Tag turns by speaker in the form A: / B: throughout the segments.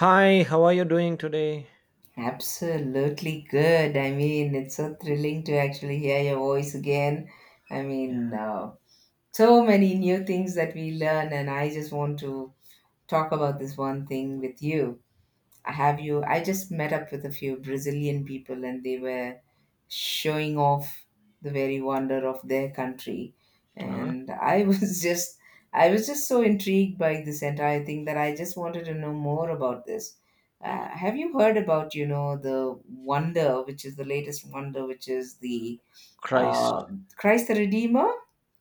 A: Hi, how are you doing today?
B: Absolutely good. I mean, it's so thrilling to actually hear your voice again. I mean, so many new things that we learn, and I just want to talk about this one thing with you. I Have you? I just met up with a few Brazilian people, and they were showing off the very wonder of their country.
A: Uh,
B: And I was just so intrigued by this entire thing that I just wanted to know more about this. Have you heard about, you know, the wonder, which is the latest wonder, which is the
A: Christ.
B: uh, Christ the Redeemer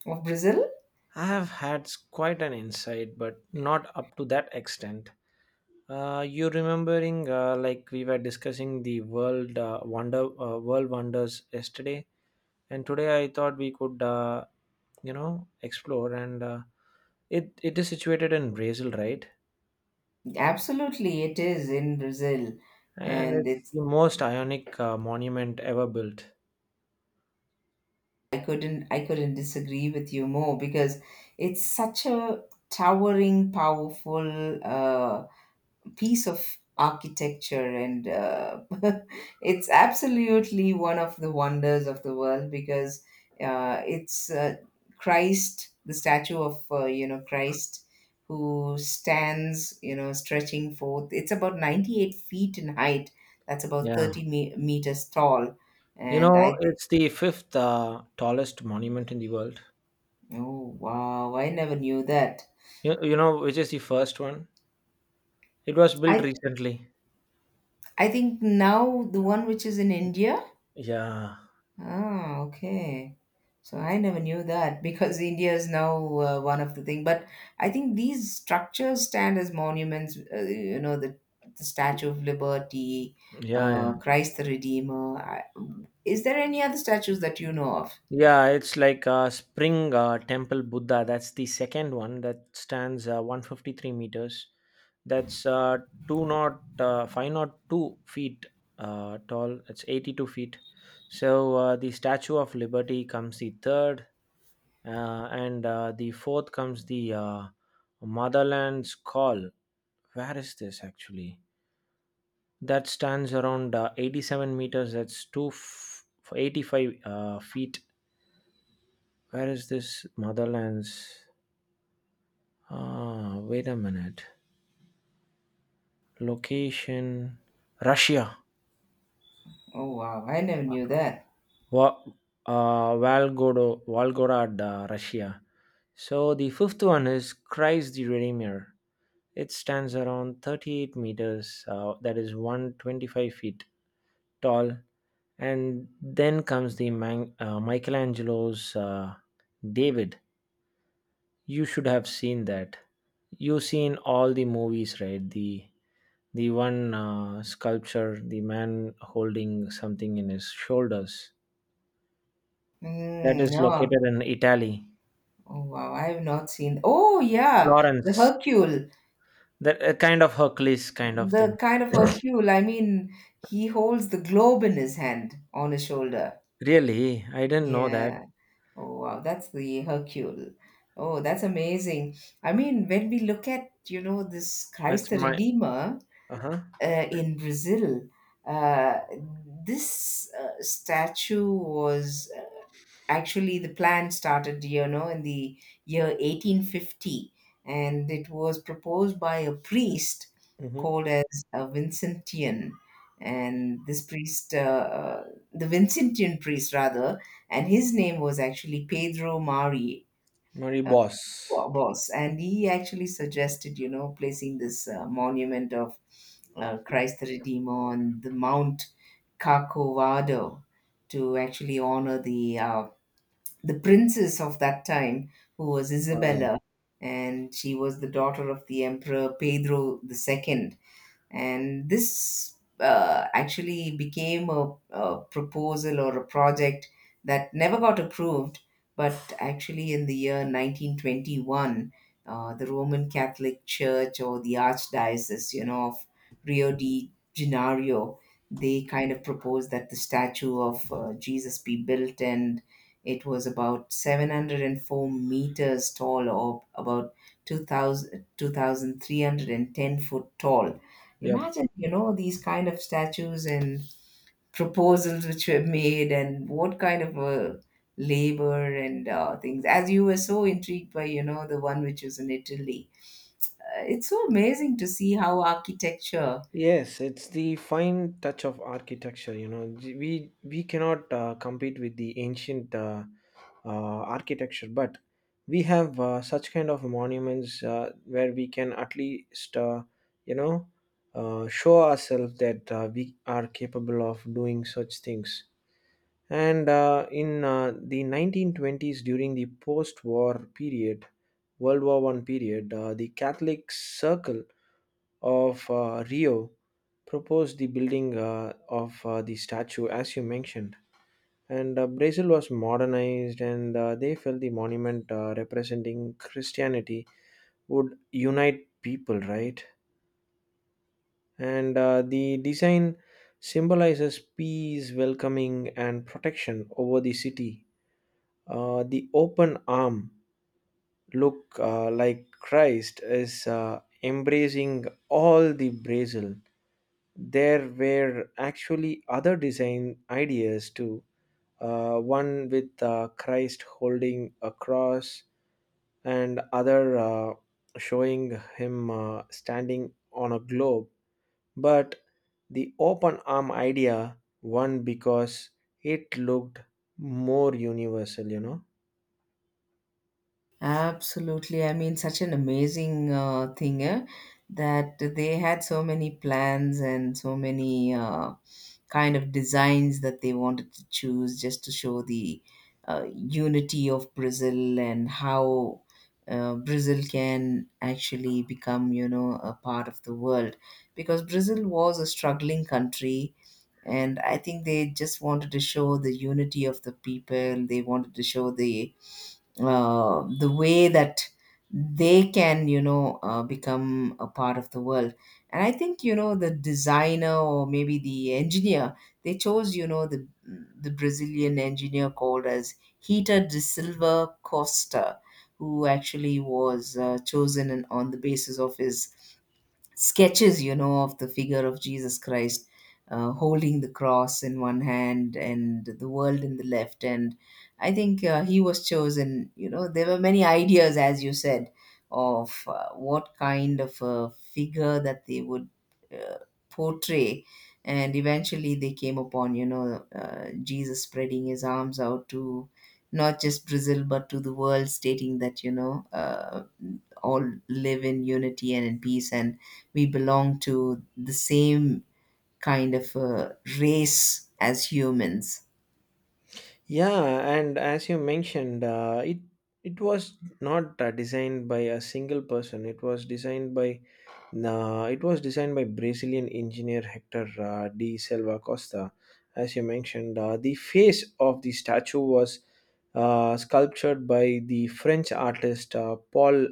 B: of Brazil?
A: I have had quite an insight, but not up to that extent. You remembering like we were discussing the world wonders yesterday, and today I thought we could explore. And it is situated in Brazil, right?
B: Absolutely, it is in Brazil.
A: And
B: And
A: it's
B: it's
A: the most ionic monument ever built.
B: I couldn't disagree with you more, because it's such a towering, powerful piece of architecture, and it's absolutely one of the wonders of the world, because it's Christ, the statue of Christ, who stands, stretching forth. It's about 98 feet in height. That's about
A: Yeah,
B: 30 meters tall,
A: you
B: and
A: know
B: I
A: it's the fifth tallest monument in the world.
B: Oh wow, I never knew that.
A: You know which is the first one? It was built
B: I
A: recently.
B: I think now the one which is in India.
A: Yeah,
B: Ah, okay. So I never knew that, because India is now one of the thing. But I think these structures stand as monuments. You know, the Statue of Liberty,
A: yeah, yeah.
B: Christ the Redeemer. Is there any other statues that you know of?
A: Yeah, it's like Spring Temple Buddha. That's the second one that stands 153 meters. That's two, not, five, not 2 feet, tall. It's 82 feet. So the Statue of Liberty comes the third, and the fourth comes the Motherland's Call. Where is this actually? That stands around 87 meters, that's 85 feet. Where is this Motherlands? Ah, wait a minute. Location. Russia.
B: Oh wow, I never knew that.
A: Wa- Valgodo, Volgograd, Russia. So the fifth one is Christ the Redeemer. It stands around 38 meters, that is 125 feet tall. And then comes the Michelangelo's David. You should have seen that. You've seen all the movies, right? The one sculpture, the man holding something in his shoulders, that
B: Mm,
A: is
B: no.
A: located in Italy,
B: Oh wow, I have not seen. Oh yeah, the
A: Florence.
B: Hercule.
A: That kind of Hercules kind of
B: The
A: thing.
B: kind of Hercule, I mean, he holds the globe in his hand on his shoulder.
A: Really, I didn't know that.
B: Yeah. Oh, wow. That's the Hercule. Oh, that's amazing. I mean, when we look at, you know, this Christ
A: That's
B: the
A: my
B: Redeemer
A: Uh huh.
B: in Brazil, uh, this statue was actually... The plan started in the year 1850, and it was proposed by a priest
A: Mm-hmm.
B: called as a Vincentian, and this priest, the Vincentian priest rather, and his name was actually Pedro Mari,
A: Marie
B: uh,
A: Boss.
B: Boss, and he actually suggested, placing this monument of Christ the Redeemer on the Mount Corcovado to actually honor the princess of that time, who was
A: Wow.
B: Isabella, and she was the daughter of the Emperor Pedro II. And this actually became a proposal, or a project, that never got approved. But actually, in the year 1921, the Roman Catholic Church, or the archdiocese, of Rio de Janeiro, they kind of proposed that the statue of Jesus be built, and it was about 704 meters tall, or about two thousand three hundred and ten foot tall.
A: Yep.
B: Imagine, you know, these kind of statues and proposals which were made, and what kind of a labor and things, as you were so intrigued by, you know, the one which was in Italy. It's so amazing to see how architecture...
A: Yes, it's the fine touch of architecture. You know, we cannot compete with the ancient uh, architecture. But we have such kind of monuments where we can at least, you know, show ourselves that we are capable of doing such things. And in the 1920s, during the post-war period, World War I period, the Catholic Circle of Rio proposed the building of the statue, as you mentioned. And Brazil was modernized, and they felt the monument representing Christianity would unite people, right? And the design symbolizes peace, welcoming, and protection over the city. The open arm look like Christ is embracing all the Brazil. There were actually other design ideas too. One with Christ holding a cross, and other showing him standing on a globe. But the open arm idea won because it looked more universal.
B: Absolutely. I mean, such an amazing thing, eh, that they had so many plans and so many... kind of designs that they wanted to choose, just to show the unity of Brazil, and how Brazil can actually become, you know, a part of the world. Because Brazil was a struggling country, and I think they just wanted to show the unity of the people. They wanted to show the the way that they can, become a part of the world. And I think, the designer, or maybe the engineer, they chose, the the Brazilian engineer called as Hita de Silva Costa, who actually was chosen, and on the basis of his sketches, you know, of the figure of Jesus Christ, holding the cross in one hand and the world in the left. And I think he was chosen. You know, there were many ideas, as you said, of what kind of a figure that they would uh, portray. And eventually they came upon, you know, Jesus spreading his arms out to not just Brazil, but to the world, stating that, you know, all live in unity and in peace, and we belong to the same kind of race as humans.
A: Yeah, and as you mentioned, it was not designed by a single person. It was designed by, nah, it was designed by Brazilian engineer Hector, de Silva Costa. As you mentioned, the face of the statue was sculptured by the French artist Paul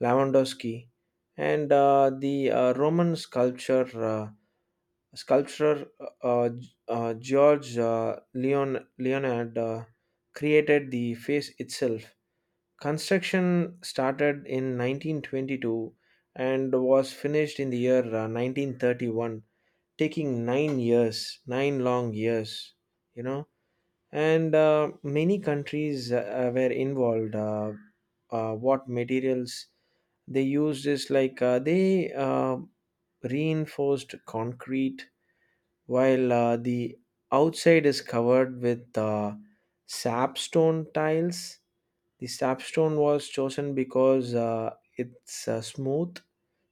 A: Lewandowski, and the Roman sculpture uh, sculptor, uh, George, Leon Leonard, created the face itself. Construction started in 1922 and was finished in the year 1931, taking 9 years, nine long years, you know. And many countries were involved. What materials they used is like, they reinforced concrete, while the outside is covered with sapstone tiles. The sapstone was chosen because it's smooth,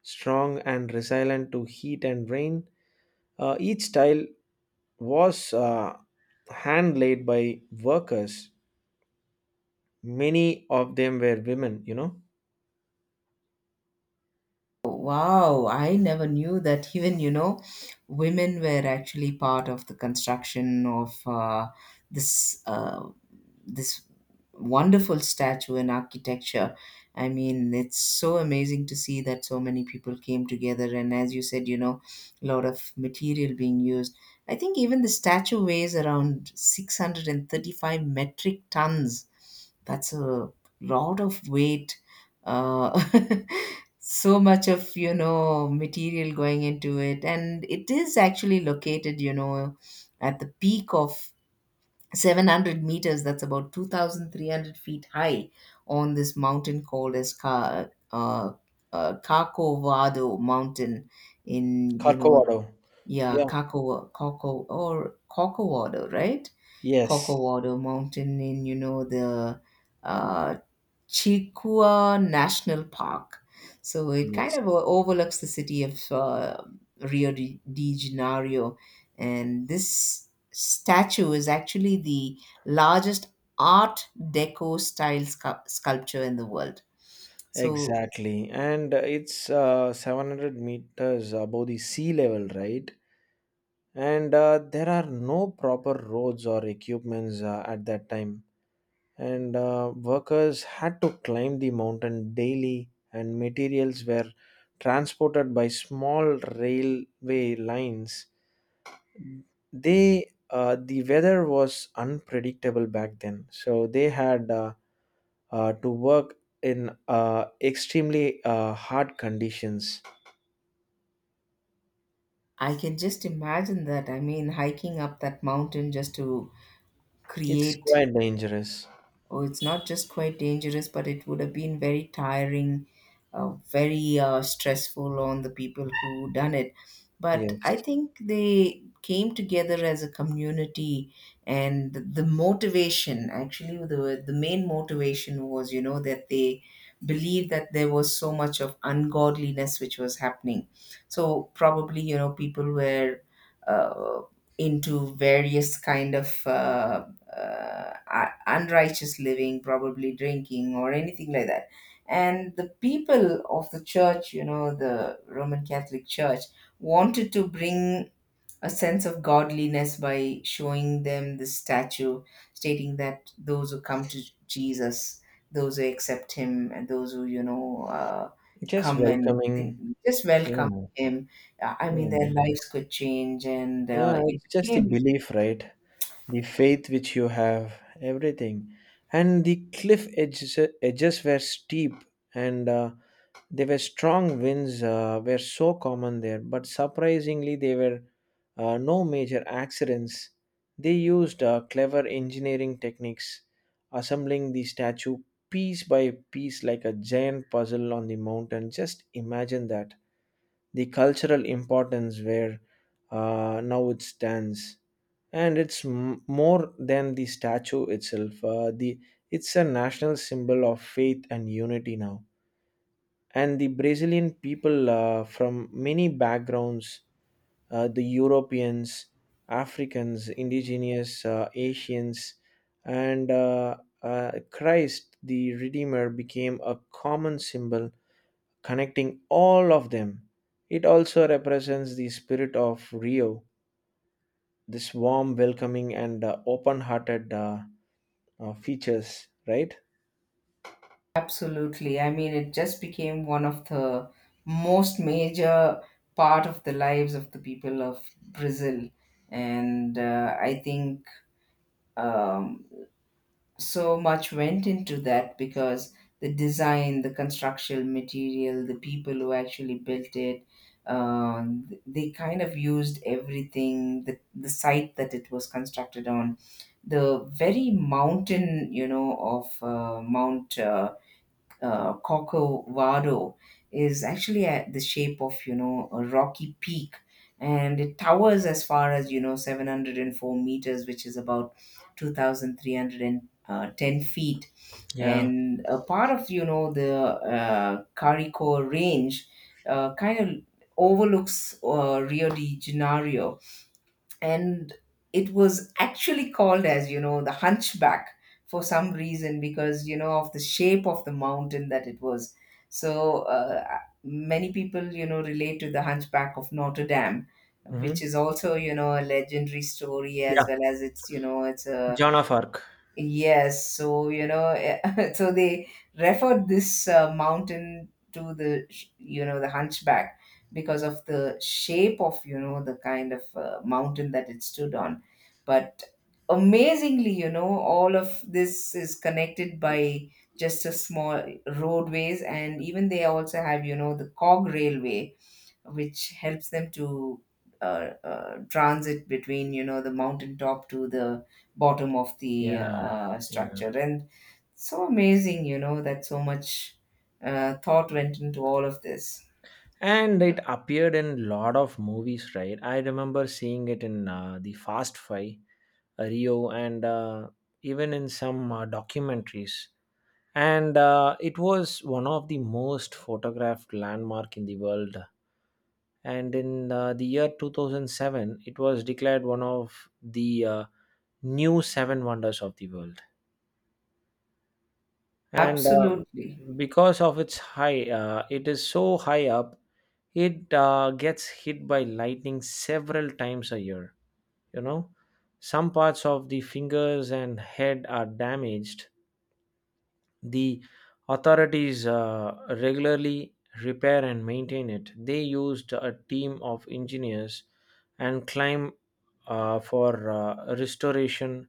A: strong, and resilient to heat and rain. Each tile was hand laid by workers. Many of them were women.
B: Wow, I never knew that. Even, women were actually part of the construction of this this wonderful statue and architecture. I mean, it's so amazing to see that so many people came together. And as you said, you know, a lot of material being used. I think even the statue weighs around 635 metric tons. That's a lot of weight. Uh, so much of, you know, material going into it. And it is actually located, you know, at the peak of 700 meters, that's about 2,300 feet high, on this mountain called as Kakovado Mountain, in, you know...
A: Corcovado.
B: Yeah,
A: Yeah.
B: Kakovado, right?
A: Yes.
B: Kakovado Mountain in, you know, the uh, Chikua National Park. So it kind
A: Yes.
B: of overlooks the city of Rio de Janeiro. And this statue is actually the largest Art Deco style sculpture in the world. So...
A: Exactly. And it's 700 meters above the sea level, right? And there are no proper roads or equipments at that time. And workers had to climb the mountain daily, and materials were transported by small railway lines. The weather was unpredictable back then, so they had to work in extremely hard conditions.
B: I can just imagine that. I mean, hiking up that mountain just to
A: It's
B: create...
A: quite dangerous.
B: Oh, it's not just quite dangerous, but it would have been very tiring, very stressful on the people who done it. But I
A: Yes.
B: think they came together as a community, and the motivation, actually the main motivation was, that they believed that there was so much of ungodliness which was happening. So probably, you know, people were uh, into various kind of unrighteous living, probably drinking or anything like that. And the people of the church, you know, the Roman Catholic Church, wanted to bring a sense of godliness by showing them this statue, stating that those who come to Jesus, those who accept him, and those who, you know,
A: Just
B: come, and they
A: welcoming.
B: just welcome
A: Yeah.
B: him. I mean,
A: Yeah.
B: their lives could change, and
A: Yeah,
B: it
A: it's just the
B: became...
A: belief, right? The faith which you have, everything. And the cliff edges were steep, and they were strong winds were so common there. But surprisingly, there were no major accidents. They used clever engineering techniques, assembling the statue piece by piece like a giant puzzle on the mountain. Just imagine that the cultural importance where now it stands. And it's more than the statue itself the it's a national symbol of faith and unity now. And the Brazilian people, from many backgrounds, the Europeans, Africans, indigenous, Asians, and Christ the Redeemer became a common symbol connecting all of them. It also represents the spirit of Rio, this warm, welcoming, and open hearted features, right?
B: Absolutely. I mean, it just became one of the most major part of the lives of the people of Brazil, and I think, um, so much went into that, because the design, the construction material, the people who actually built it, they kind of used everything. The site that it was constructed on, the very mountain, you know, of Mount Corcovado, is actually at the shape of, you know, a rocky peak, and it towers as far as, you know, 704 meters, which is about 2,310 feet,
A: Yeah.
B: and a part of, you know, the Carico Range kind of overlooks Rio de Janeiro. And it was actually called as, you know, the hunchback, for some reason, because, you know, of the shape of the mountain that it was. So many people, you know, relate to the hunchback of Notre Dame, which
A: Hmm.
B: is also, you know, a legendary story,
A: Yeah.
B: as well as, it's a...
A: Joan of Arc.
B: Yes, so, you know, so they referred this mountain to the the hunchback, because of the shape of, you know, the kind of mountain that it stood on. But amazingly, you know, all of this is connected by just a small roadways, and even they also have, the cog railway, which helps them to transit between, the mountain top to the bottom of the
A: Yeah. Yeah.
B: structure. And so amazing, you know, that so much thought went into all of this.
A: And it appeared in lot of movies, right? I remember seeing it in the Fast Five, Rio, and even in some documentaries. And it was one of the most photographed landmark in the world, and in the year 2007 it was declared one of the new seven wonders of the world. And
B: Absolutely.
A: Because of its high, it is so high up, it gets hit by lightning several times a year. you know some parts of the fingers and head are damaged. The authorities regularly repair and maintain it. They used a team of engineers and climb for restoration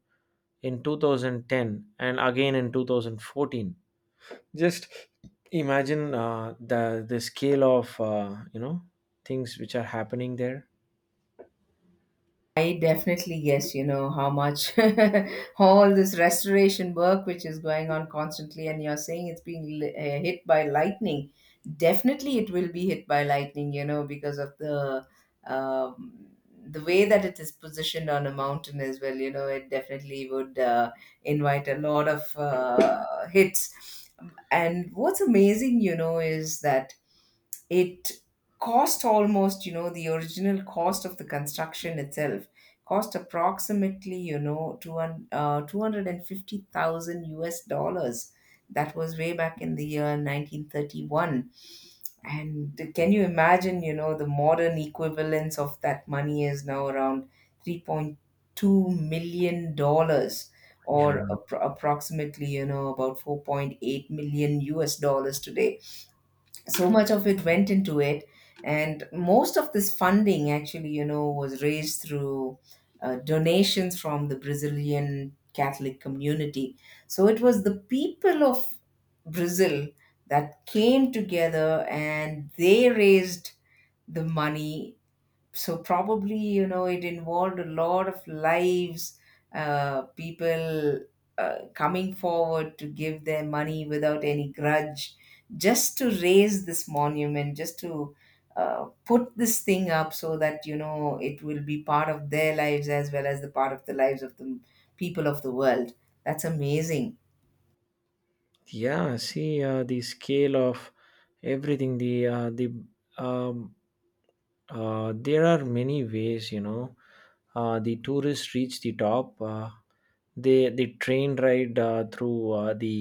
A: in 2010 and again in 2014. Just imagine the scale of things which are happening there.
B: I definitely guess, you know, how much, all this restoration work which is going on constantly, and you're saying it's being hit by lightning. Definitely, it will be hit by lightning, you know, because of the um, the way that it is positioned on a mountain as well. You know, it definitely would invite a lot of hits. And what's amazing, is that it cost almost, the original cost of the construction itself, cost approximately, 200, $250,000. That was way back in the year 1931. And can you imagine, the modern equivalence of that money is now around $3.2 million,
A: Yeah.
B: or approximately, about $4.8 million today. So much of it went into it. And most of this funding, actually, was raised through donations from the Brazilian Catholic community. So it was the people of Brazil that came together, and they raised the money. So probably, it involved a lot of lives, people coming forward to give their money without any grudge, just to raise this monument, just to put this thing up so that, it will be part of their lives, as well as the part of the lives of the people of the world. That's amazing.
A: Yeah, see the scale of everything. Um, there are many ways. The tourists reach the top. The train ride through the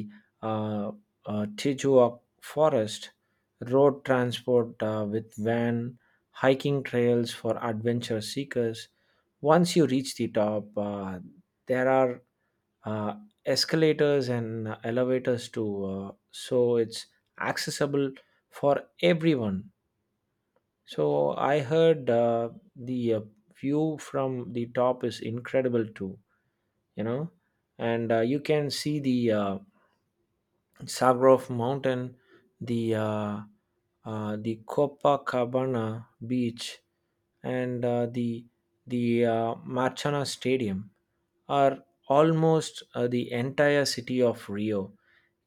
A: uh, Tijuana forest, road transport with van, hiking trails for adventure seekers. Once you reach the top, there are uh, escalators and elevators too, so it's accessible for everyone. So I heard the view from the top is incredible too, you know, and you can see the Sagrov Mountain, the the Copacabana Beach, and the Marchana Stadium are almost the entire city of Rio.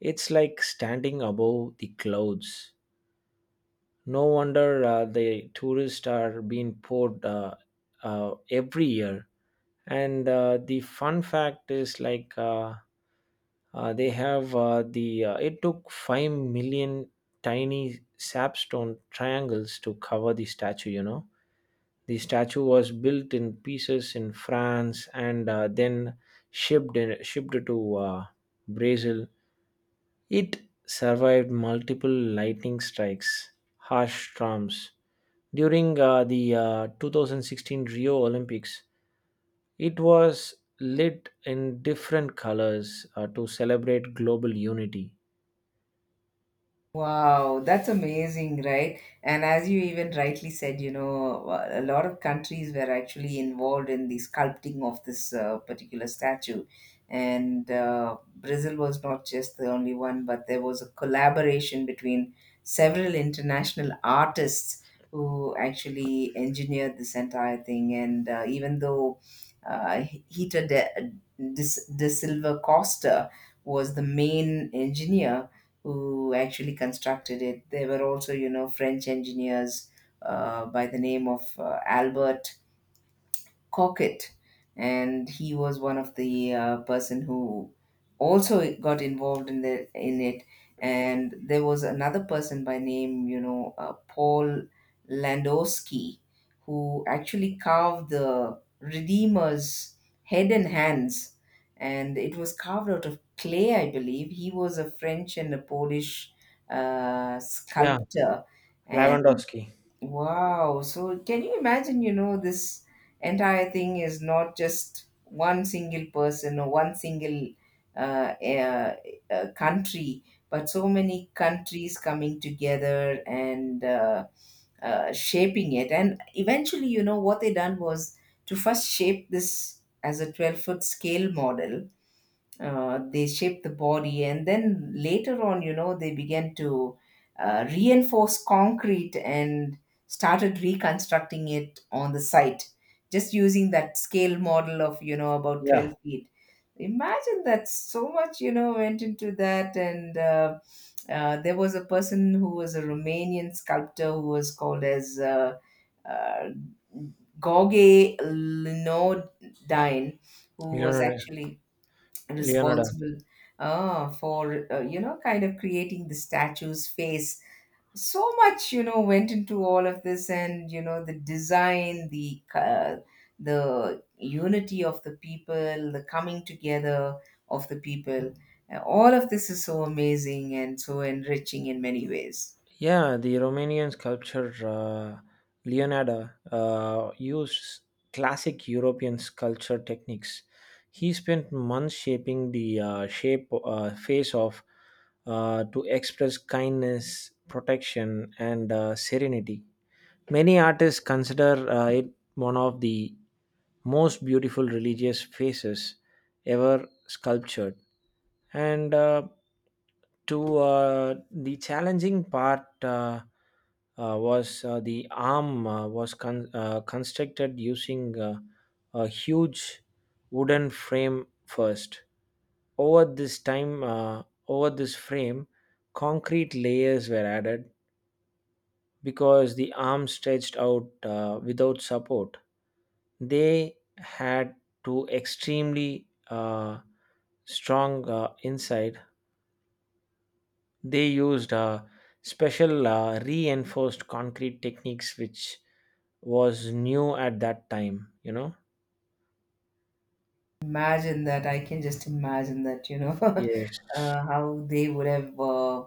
A: It's like standing above the clouds. No wonder the tourists are being poured every year. And the fun fact is, like they have the it took 5 million tiny sapstone triangles to cover the statue. You know, the statue was built in pieces in France, and then shipped to Brazil. It survived multiple lightning strikes, harsh storms. During the 2016 Rio Olympics, it was lit in different colors to celebrate global unity.
B: Wow, that's amazing, right? And as you even rightly said, a lot of countries were actually involved in the sculpting of this particular statue. And Brazil was not just the only one, but there was a collaboration between several international artists who actually engineered this entire thing. And even though uh, Hita de, de Silva Costa was the main engineer who actually constructed it, there were also, French engineers, by the name of Albert Cockett, and he was one of the person who also got involved in it. And there was another person by name, Paul Landowski, who actually carved the Redeemer's head and hands, and it was carved out of clay, I believe. He was a French and a Polish
A: Yeah,
B: sculptor. And
A: Lewandowski.
B: wow. So can you imagine, this entire thing is not just one single person or one single, uh, uh, country, but so many countries coming together and shaping it. And eventually, what they done was to first shape this as a 12-foot scale model. They shaped the body, and then later on, they began to reinforce concrete and started reconstructing it on the site, just using that scale model of, about 12
A: Yeah,
B: feet. Imagine that. So much, went into that. And there was a person who was a Romanian sculptor who was called as, uh, Gauguin Linodine, who was
A: Leonardo.
B: actually
A: Leonardo.
B: responsible for kind of creating the statue's face. So much, went into all of this. And the design, the unity of the people, the coming together of the people. All of this is so amazing and so enriching in many ways.
A: Yeah, the Romanian sculptor Leonardo used classic European sculpture techniques. He spent months shaping the shape face of to express kindness, protection, and serenity. Many artists consider it one of the most beautiful religious faces ever sculptured. And to the challenging part, was, the arm was constructed using a huge wooden frame first. Over this time, over this frame, concrete layers were added. Because the arm stretched out without support, they had to, extremely strong inside. They used special reinforced concrete techniques, which was new at that time. You know.
B: Imagine that. I can just imagine that,
A: Yes.
B: how they would have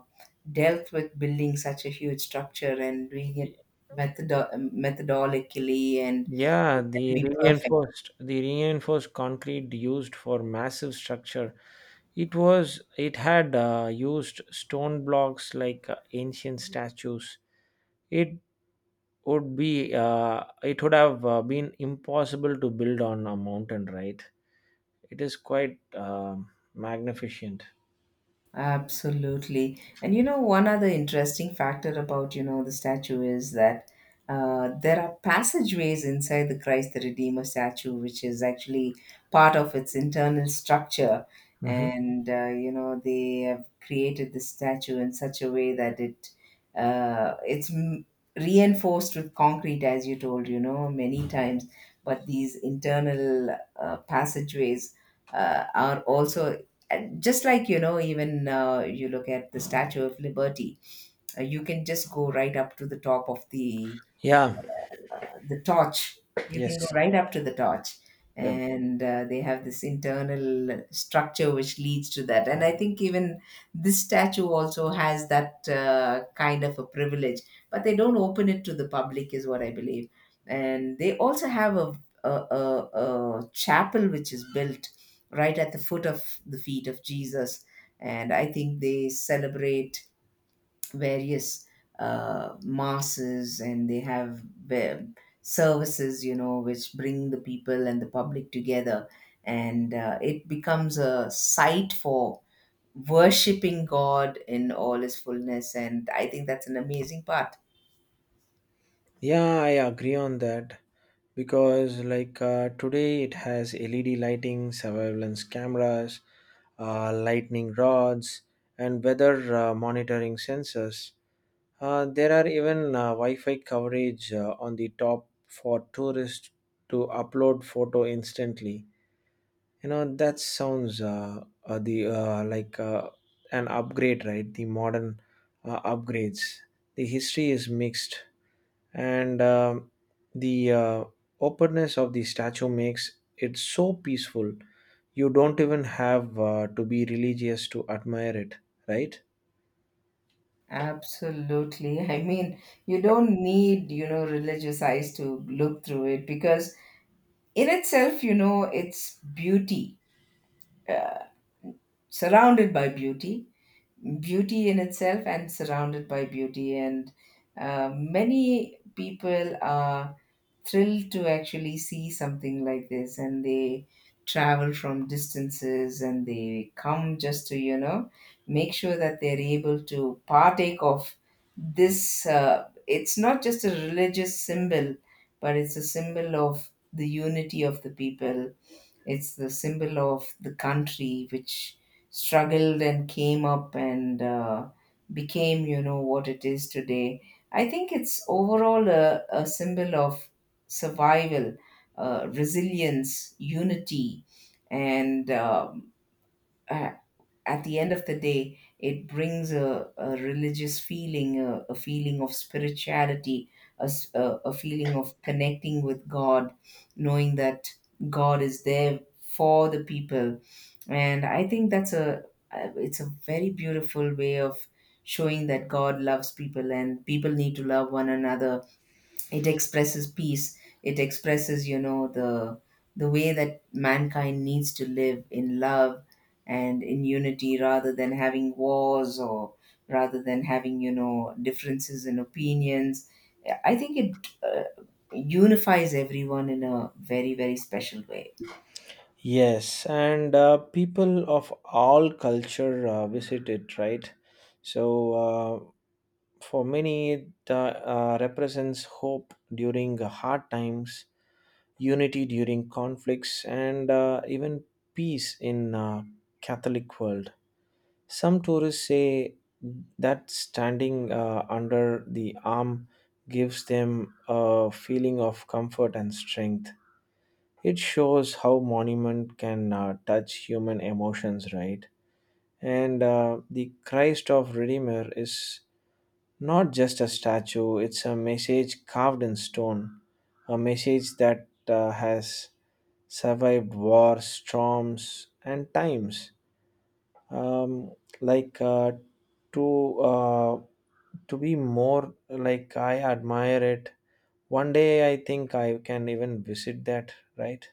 B: dealt with building such a huge structure, and doing it methodo methodically, and
A: Yeah,
B: it had to
A: the
B: be perfect.
A: reinforced concrete used for massive structure. It had used stone blocks like ancient statues. It it would have been impossible to build on a mountain, right? It is quite magnificent.
B: Absolutely. And one other interesting factor about, the statue is that there are passageways inside the Christ the Redeemer statue, which is actually part of its internal structure.
A: Hmm.
B: And, they have created the statue in such a way that it's reinforced with concrete, as you told, many times. But these internal passageways are also. And just like, even you look at the Statue of Liberty, you can just go right up to the top of the
A: Yeah.
B: the torch. You can go
A: Yes.
B: right up to the torch.
A: Yeah.
B: And they have this internal structure which leads to that. And I think even this statue also has that kind of a privilege, but they don't open it to the public, is what I believe. And they also have a, a, a chapel which is built right at the foot of the feet of Jesus. And I think they celebrate various masses, and they have ve- services, which bring the people and the public together. And it becomes a site for worshipping God in all his fullness. And I think that's an amazing part.
A: Yeah, I agree on that, because like today it has LED lighting, surveillance cameras, lightning rods, and weather monitoring sensors. There are even Wi-Fi coverage on the top for tourists to upload photo instantly. You know, that sounds the like an upgrade, right? The modern upgrades. The history is mixed, and the openness of the statue makes it so peaceful. You don't even have to be religious to admire it, right?
B: Absolutely. I mean, you don't need, religious eyes to look through it, because in itself, it's beauty, uh, surrounded by beauty. Beauty in itself and surrounded by beauty. And many people are thrilled to actually see something like this, and they travel from distances, and they come just to, make sure that they're able to partake of this. It's not just a religious symbol, but it's a symbol of the unity of the people. It's the symbol of the country which struggled and came up and became, what it is today. I think it's overall a symbol of survival, resilience, unity, and a- at the end of the day, it brings a religious feeling, a feeling of spirituality, a feeling of connecting with God, knowing that God is there for the people. And I think that's a it's a very beautiful way of showing that God loves people, and people need to love one another. It expresses peace. It expresses, the way that mankind needs to live in love and in unity, rather than having wars, or rather than having, differences in opinions. I think it uh, unifies everyone in a very, very special way.
A: Yes, and people of all culture visit it, right? So uh, for many, it represents hope during hard times, unity during conflicts, and even peace in catholic world. Some tourists say that standing under the arm gives them a feeling of comfort and strength. It shows how monument can touch human emotions, right? And the Christ of Redeemer is not just a statue, it's a message carved in stone, a message that has survived wars, storms, and times. um, like uh, to uh, to be more like, I admire it. One day I think I can even visit that, right?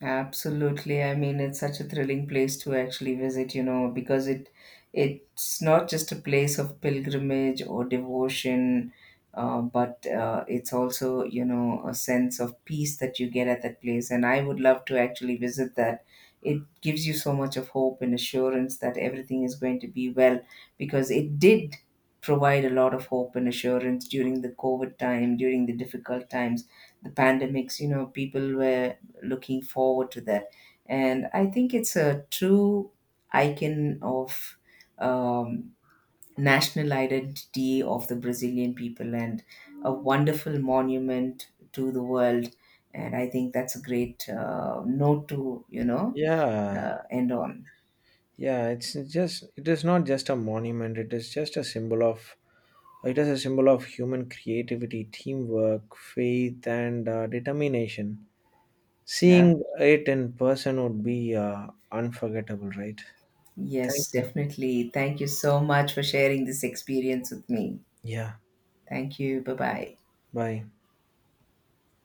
B: Absolutely. I mean, it's such a thrilling place to actually visit, because it's not just a place of pilgrimage or devotion, but it's also, a sense of peace that you get at that place. And I would love to actually visit that. It gives you so much of hope and assurance that everything is going to be well, because it did provide a lot of hope and assurance during the COVID time, during the difficult times, the pandemics. People were looking forward to that. And I think it's a true icon of um, national identity of the Brazilian people, and a wonderful monument to the world. And I think that's a great note to,
A: Yeah,
B: end on.
A: yeah. It is not just a monument. It is a symbol of human creativity, teamwork, faith, and determination.
B: Yeah.
A: Seeing it in person would be unforgettable, right? Thank
B: Yes,
A: you.
B: definitely. Thank you so much for sharing this experience with me.
A: Yeah.
B: Thank you. Bye bye.
A: Bye.